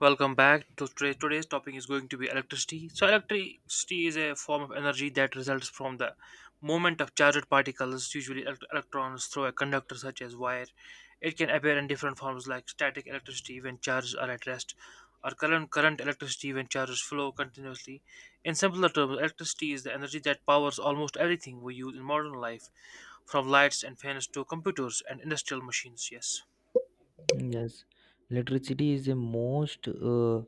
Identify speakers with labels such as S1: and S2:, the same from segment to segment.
S1: Welcome back. Today's topic is going to be electricity. So, electricity is a form of energy that results from the movement of charged particles, usually electrons, through a conductor such as wire. It can appear in different forms like static electricity when charges are at rest, or current electricity when charges flow continuously. In simpler terms, electricity is the energy that powers almost everything we use in modern life, from lights and fans to computers and industrial machines. Yes.
S2: Yes, electricity is the most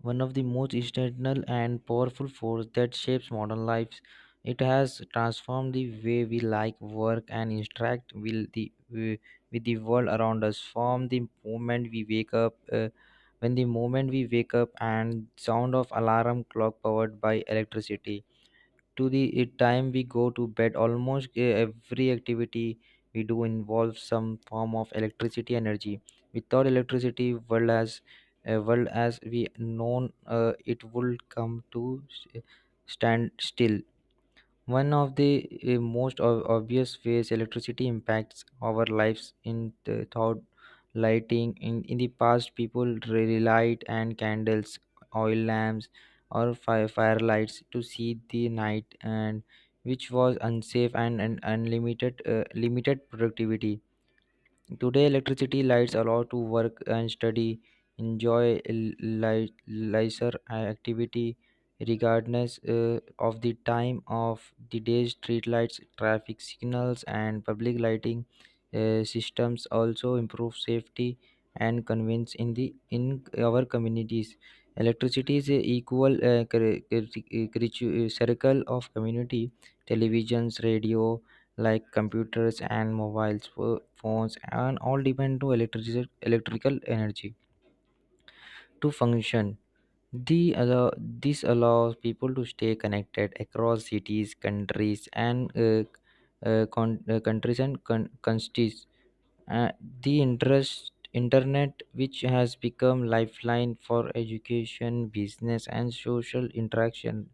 S2: one of the most external and powerful force that shapes modern lives. It has transformed the way we like work and interact with with the world around us. From the moment we wake up, when the moment we wake up, and sound of alarm clock powered by electricity to the time we go to bed, almost every activity we do involves some form of electricity energy. Without electricity, world as we known, it would come to stand still. One of the most obvious ways electricity impacts our lives in the thought lighting. In the past, people relied on candles, oil lamps, or firelights to see the night, and which was unsafe, and unlimited, limited productivity. Today, electricity lights allow to work and study, enjoy leisure activity, regardless of the time of the day. Street lights, traffic signals, and public lighting systems also improve safety and convenience in the in our communities. Electricity is a equal circle of community, televisions, radio, like computers and mobiles, phones, and all depend to electrical energy to function. This allows people to stay connected across cities, countries, and countries. uh, the interest internet, which has become lifeline for education, business, and social interaction,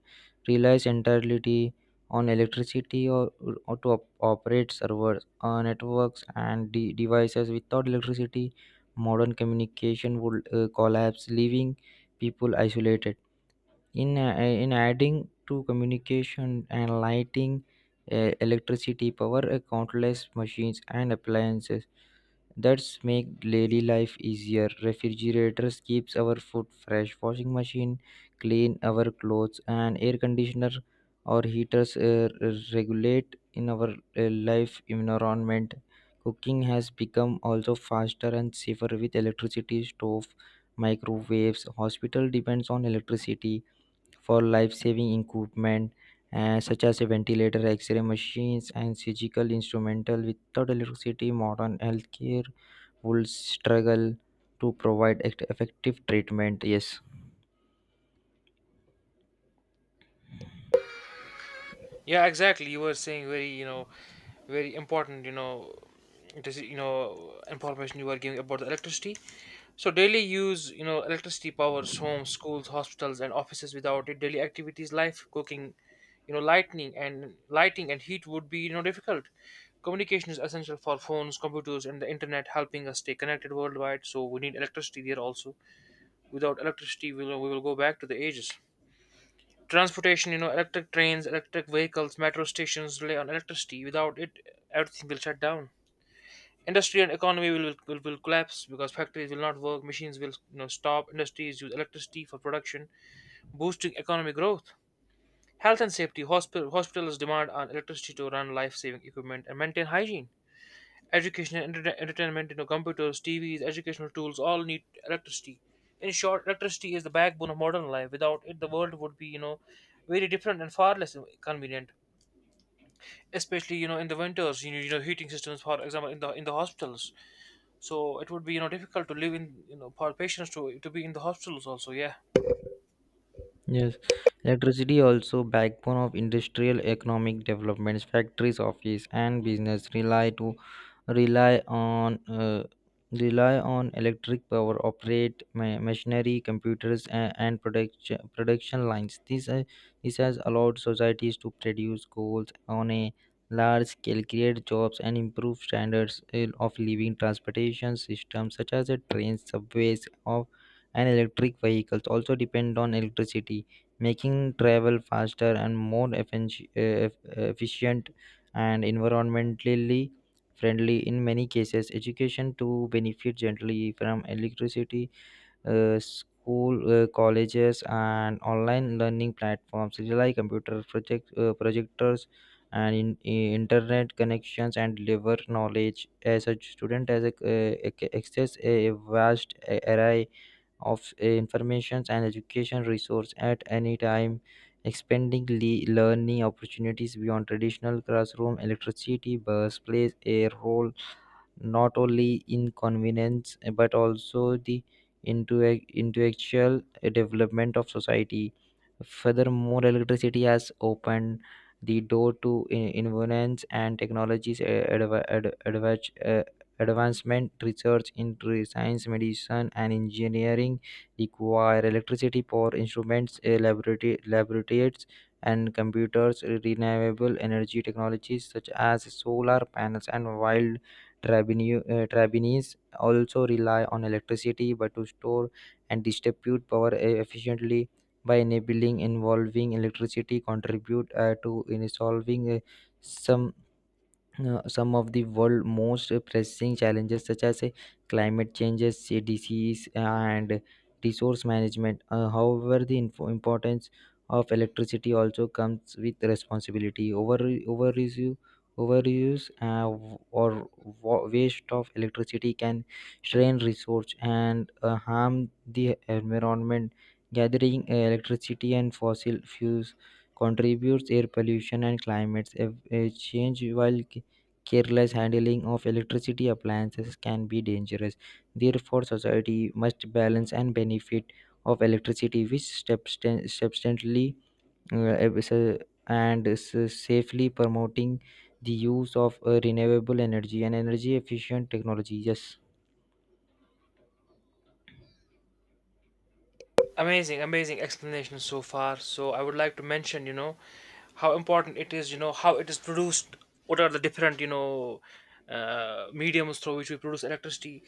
S2: relies entirely on electricity, or to operate servers, networks, and devices. Without electricity, modern communication would collapse, leaving people isolated. In adding to communication and lighting, electricity power countless machines and appliances that's make daily life easier. Refrigerators keeps our food fresh, washing machine clean our clothes, and air conditioner or heaters regulate in our life environment. Cooking has become also faster and safer with electricity stove, microwaves. Hospital depends on electricity for life saving equipment, such as a ventilator, x ray machines, and surgical instrumental. Without electricity, modern healthcare would struggle to provide effective treatment. Yes.
S1: Yeah, exactly. You were saying very, you know, very important, you know, this, you know, information you were giving about the electricity. So daily use, you know, electricity powers homes, schools, hospitals, and offices. Without it, daily activities, life, cooking, you know, lightning and lighting and heat would be, you know, difficult. Communication is essential for phones, computers, and the internet, helping us stay connected worldwide. So we need electricity there also. Without electricity, we will go back to the ages. Transportation, you know, electric trains, electric vehicles, metro stations rely on electricity. Without it, everything will shut down. Industry and economy will collapse because factories will not work, machines will, you know, stop, industries use electricity for production, boosting economic growth. Health and safety, hospitals demand on electricity to run life-saving equipment and maintain hygiene. Education and entertainment, you know, computers, TVs, educational tools all need electricity. In short, electricity is the backbone of modern life. Without it, the world would be, you know, very different and far less convenient. Especially, you know, in the winters, you know, you know, heating systems, for example, in the hospitals. So it would be, you know, difficult to live in, you know, for patients to be in the hospitals also. Yeah.
S2: Yes, electricity also backbone of industrial economic developments. Factories, office, and business rely on uh, rely on electric power, operate machinery, computers, and production lines. This has allowed societies to produce goals on a large scale, create jobs, and improve standards of living. Transportation systems such as a trains, subways of, and electric vehicles also depend on electricity, making travel faster and more efficient and environmentally friendly. In many cases, education to benefit gently from electricity. School, colleges, and online learning platforms rely computer, projectors, and internet connections, and deliver knowledge. As a student, ac- access a vast array of informations and education resource at any time, expanding learning opportunities beyond traditional classroom. Electricity bus plays a role not only inconvenience, but also the intellectual development of society. Furthermore, electricity has opened the door to inventions and technologies. Advancement research into science, medicine, and engineering require electricity for instruments, eh, laboratory laboratories, and computers. Renewable energy technologies such as solar panels and Trabini- Trabinis also rely on electricity, but to store and distribute power efficiently. By enabling involving electricity, contribute to in solving some some of the world's most pressing challenges such as climate changes, disease, and resource management. However, the importance of electricity also comes with responsibility. Over overuse overuse uh, w- or wa- waste of electricity can strain resource and harm the environment. Gathering electricity and fossil fuels contributes air pollution and climate change, while careless handling of electricity appliances can be dangerous. Therefore, society must balance and benefit of electricity, which substantially uh, ab- sa- and safely promoting the use of renewable energy and energy efficient technology. Yes.
S1: Amazing, amazing explanation so far. So I would like to mention, you know, how important it is, you know, how it is produced, what are the different, you know, mediums through which we produce electricity.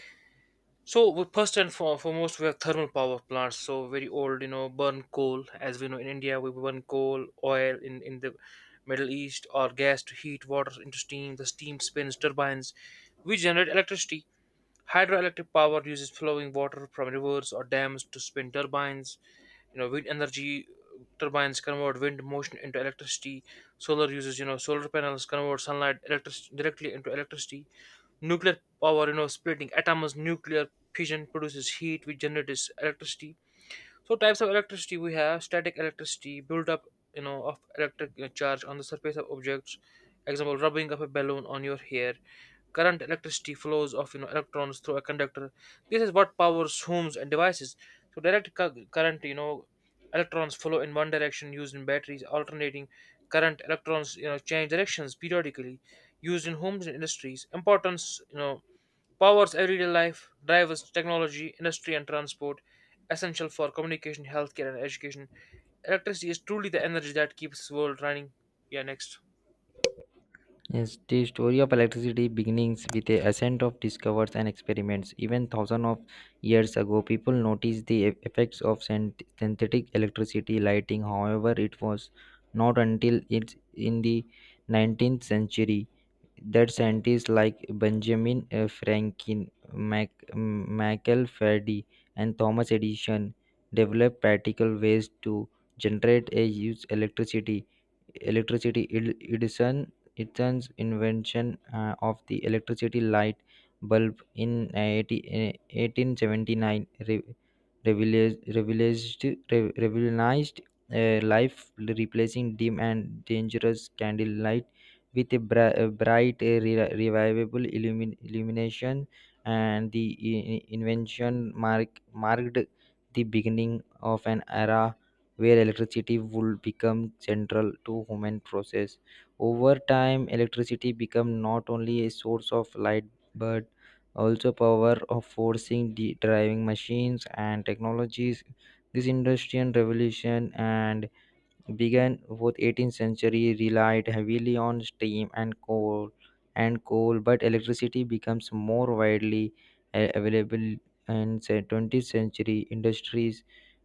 S1: So first and foremost, we have thermal power plants. So very old, you know, burn coal. As we know in India, we burn coal, oil in the Middle East, or gas to heat water into steam. The steam spins turbines. We generate electricity. Hydroelectric power uses flowing water from rivers or dams to spin turbines. You know, wind energy turbines convert wind motion into electricity. Solar uses, you know, solar panels convert sunlight directly into electricity. Nuclear power, you know, splitting atoms, nuclear fission produces heat, which generates electricity. So, types of electricity: we have static electricity, build up, you know, of electric, charge on the surface of objects, example rubbing of a balloon on your hair. Current electricity flows of, you know, electrons through a conductor. This is what powers homes and devices. So direct current, you know, electrons flow in one direction, used in batteries. Alternating current electrons, you know, change directions periodically, used in homes and industries. Importance, you know, powers everyday life, drives technology, industry, and transport, essential for communication, healthcare, and education. Electricity is truly the energy that keeps this world running. Yeah, next.
S2: Yes, the story of electricity begins with a ascent of discoveries and experiments. Even thousands of years ago, people noticed the effects of synthetic electricity lighting. However, it was not until it's in the 19th century that scientists like Benjamin Franklin, Michael Faraday, and Thomas Edison developed practical ways to generate and use electricity edison Edison's invention of the electricity light bulb in 1879 revealed, revealed, revolutionized life, replacing dim and dangerous candlelight with a bright revivable illumination. And the invention marked the beginning of an era where electricity would become central to human process. Over time, electricity became not only a source of light but also power of forcing the driving machines and technologies. This industrial revolution and began with 18th century, relied heavily on steam and coal, but electricity becomes more widely available in say 20th century. Industries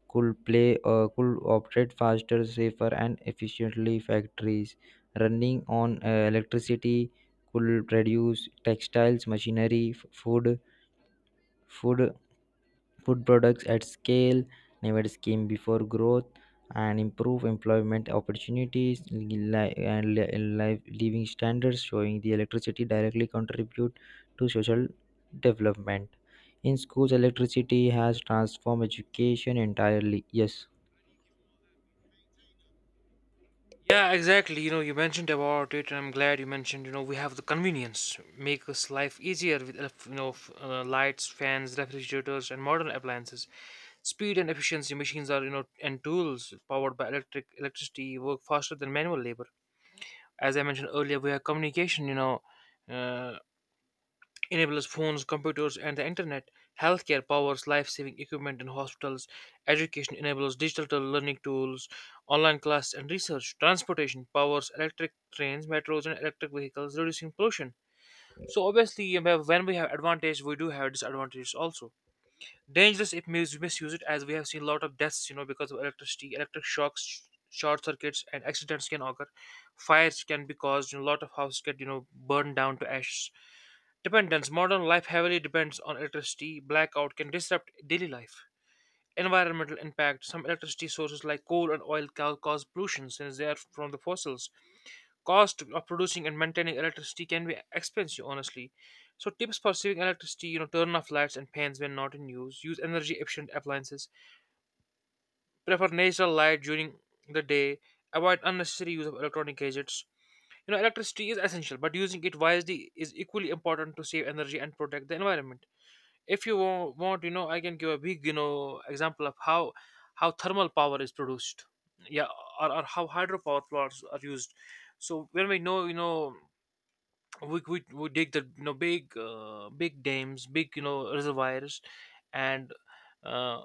S2: could play could operate faster, safer, and efficiently. Factories running on electricity could produce textiles, machinery, food food products at scale, never scheme before, growth, and improve employment opportunities, life living standards, showing the electricity directly contribute to social development. In schools, electricity has transformed education entirely. Yes.
S1: Yeah, exactly. You know, you mentioned about it, and I'm glad you mentioned. You know, we have the convenience make us life easier with you know, lights, fans, refrigerators, and modern appliances. Speed and efficiency, machines are, you know, and tools powered by electricity work faster than manual labor. As I mentioned earlier, we have communication. You know, uh, enables phones, computers, and the internet. Healthcare powers life saving equipment in hospitals. Education enables digital learning tools, online classes, and research. Transportation powers electric trains, metros, and electric vehicles, reducing pollution. So, obviously, when we have advantage, we do have disadvantages also. Dangerous if misuse it, as we have seen a lot of deaths, you know, because of electricity, electric shocks, short circuits, and accidents can occur. Fires can be caused, and a lot of houses get, you know, burned down to ashes. Dependence. Modern life heavily depends on electricity. Blackout can disrupt daily life. Environmental impact. Some electricity sources like coal and oil cause pollution since they are from the fossils. Cost of producing and maintaining electricity can be expensive, honestly. So, tips for saving electricity, you know, turn off lights and fans when not in use, use energy efficient appliances, prefer natural light during the day, avoid unnecessary use of electronic gadgets. You know, electricity is essential, but using it wisely is equally important to save energy and protect the environment. If you want, you know, I can give a big, you know, example of how thermal power is produced, yeah, or how hydropower plants are used. So, when we know, you know, we dig the, you know, big, big dams, big, you know, reservoirs, and uh,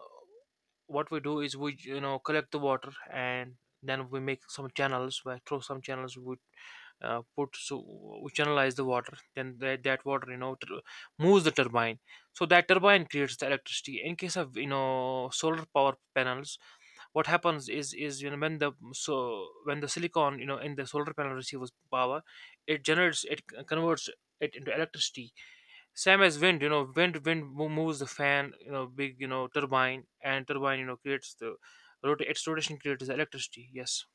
S1: what we do is we, you know, collect the water, and then we make some channels where through some channels we, put, so we channelize the water, then that water, you know, moves the turbine. So that turbine creates the electricity. In case of, you know, solar power panels, what happens is, you know, when the so when the silicon, you know, in the solar panel receives power, it generates, it converts it into electricity. Same as wind, you know, wind moves the fan, you know, big, you know, turbine, and turbine, you know, creates the its rotation creates electricity. Yes.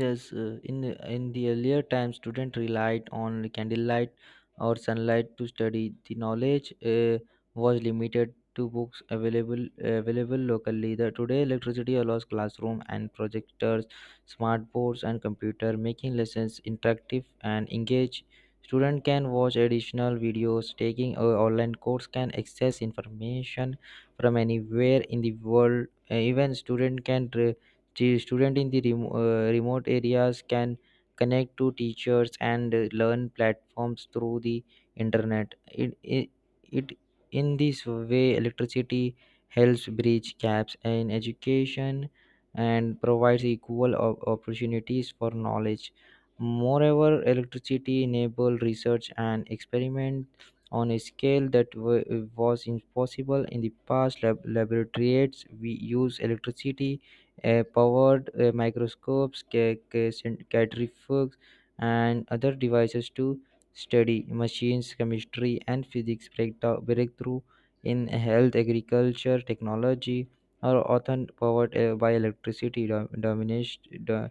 S2: Yes, in the earlier times, students relied on candlelight or sunlight to study. The knowledge was limited to books available locally. Today, electricity allows classroom and projectors, smart boards, and computer, making lessons interactive and engage. Student can watch additional videos, taking a online course, can access information from anywhere in the world. Even student can. The student in the remote areas can connect to teachers and learn platforms through the internet. It in this way electricity helps bridge gaps in education and provides equal opportunities for knowledge. Moreover, electricity enabled research and experiment on a scale that was impossible in the past. Laboratories we use electricity powered microscopes, centrifuges, and other devices to study machines, chemistry, and physics. Breakthrough in health, agriculture, technology are often powered by electricity,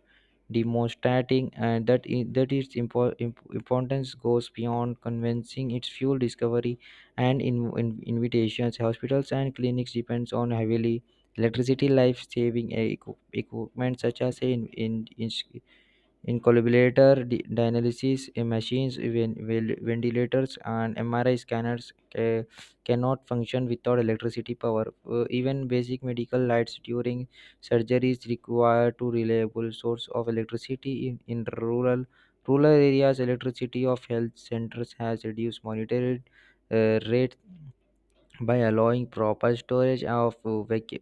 S2: demonstrating that, that its importance goes beyond convincing its fuel discovery and invitations. Hospitals and clinics depends on heavily electricity life saving equipment such as incalculator, dialysis machines, ventilators, and MRI scanners cannot function without electricity power. Even basic medical lights during surgeries require two reliable source of electricity. In rural areas, electricity of health centers has reduced monitored rates by allowing proper storage of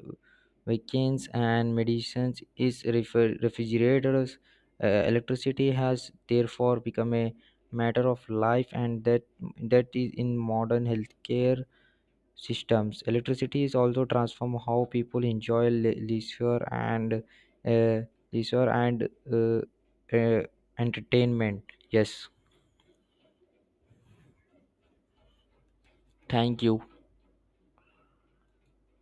S2: vaccines and medicines is refrigerators. Electricity has therefore become a matter of life and that is in modern healthcare systems. Electricity is also transform how people enjoy leisure and uh, leisure and uh, uh, entertainment. Yes, thank you.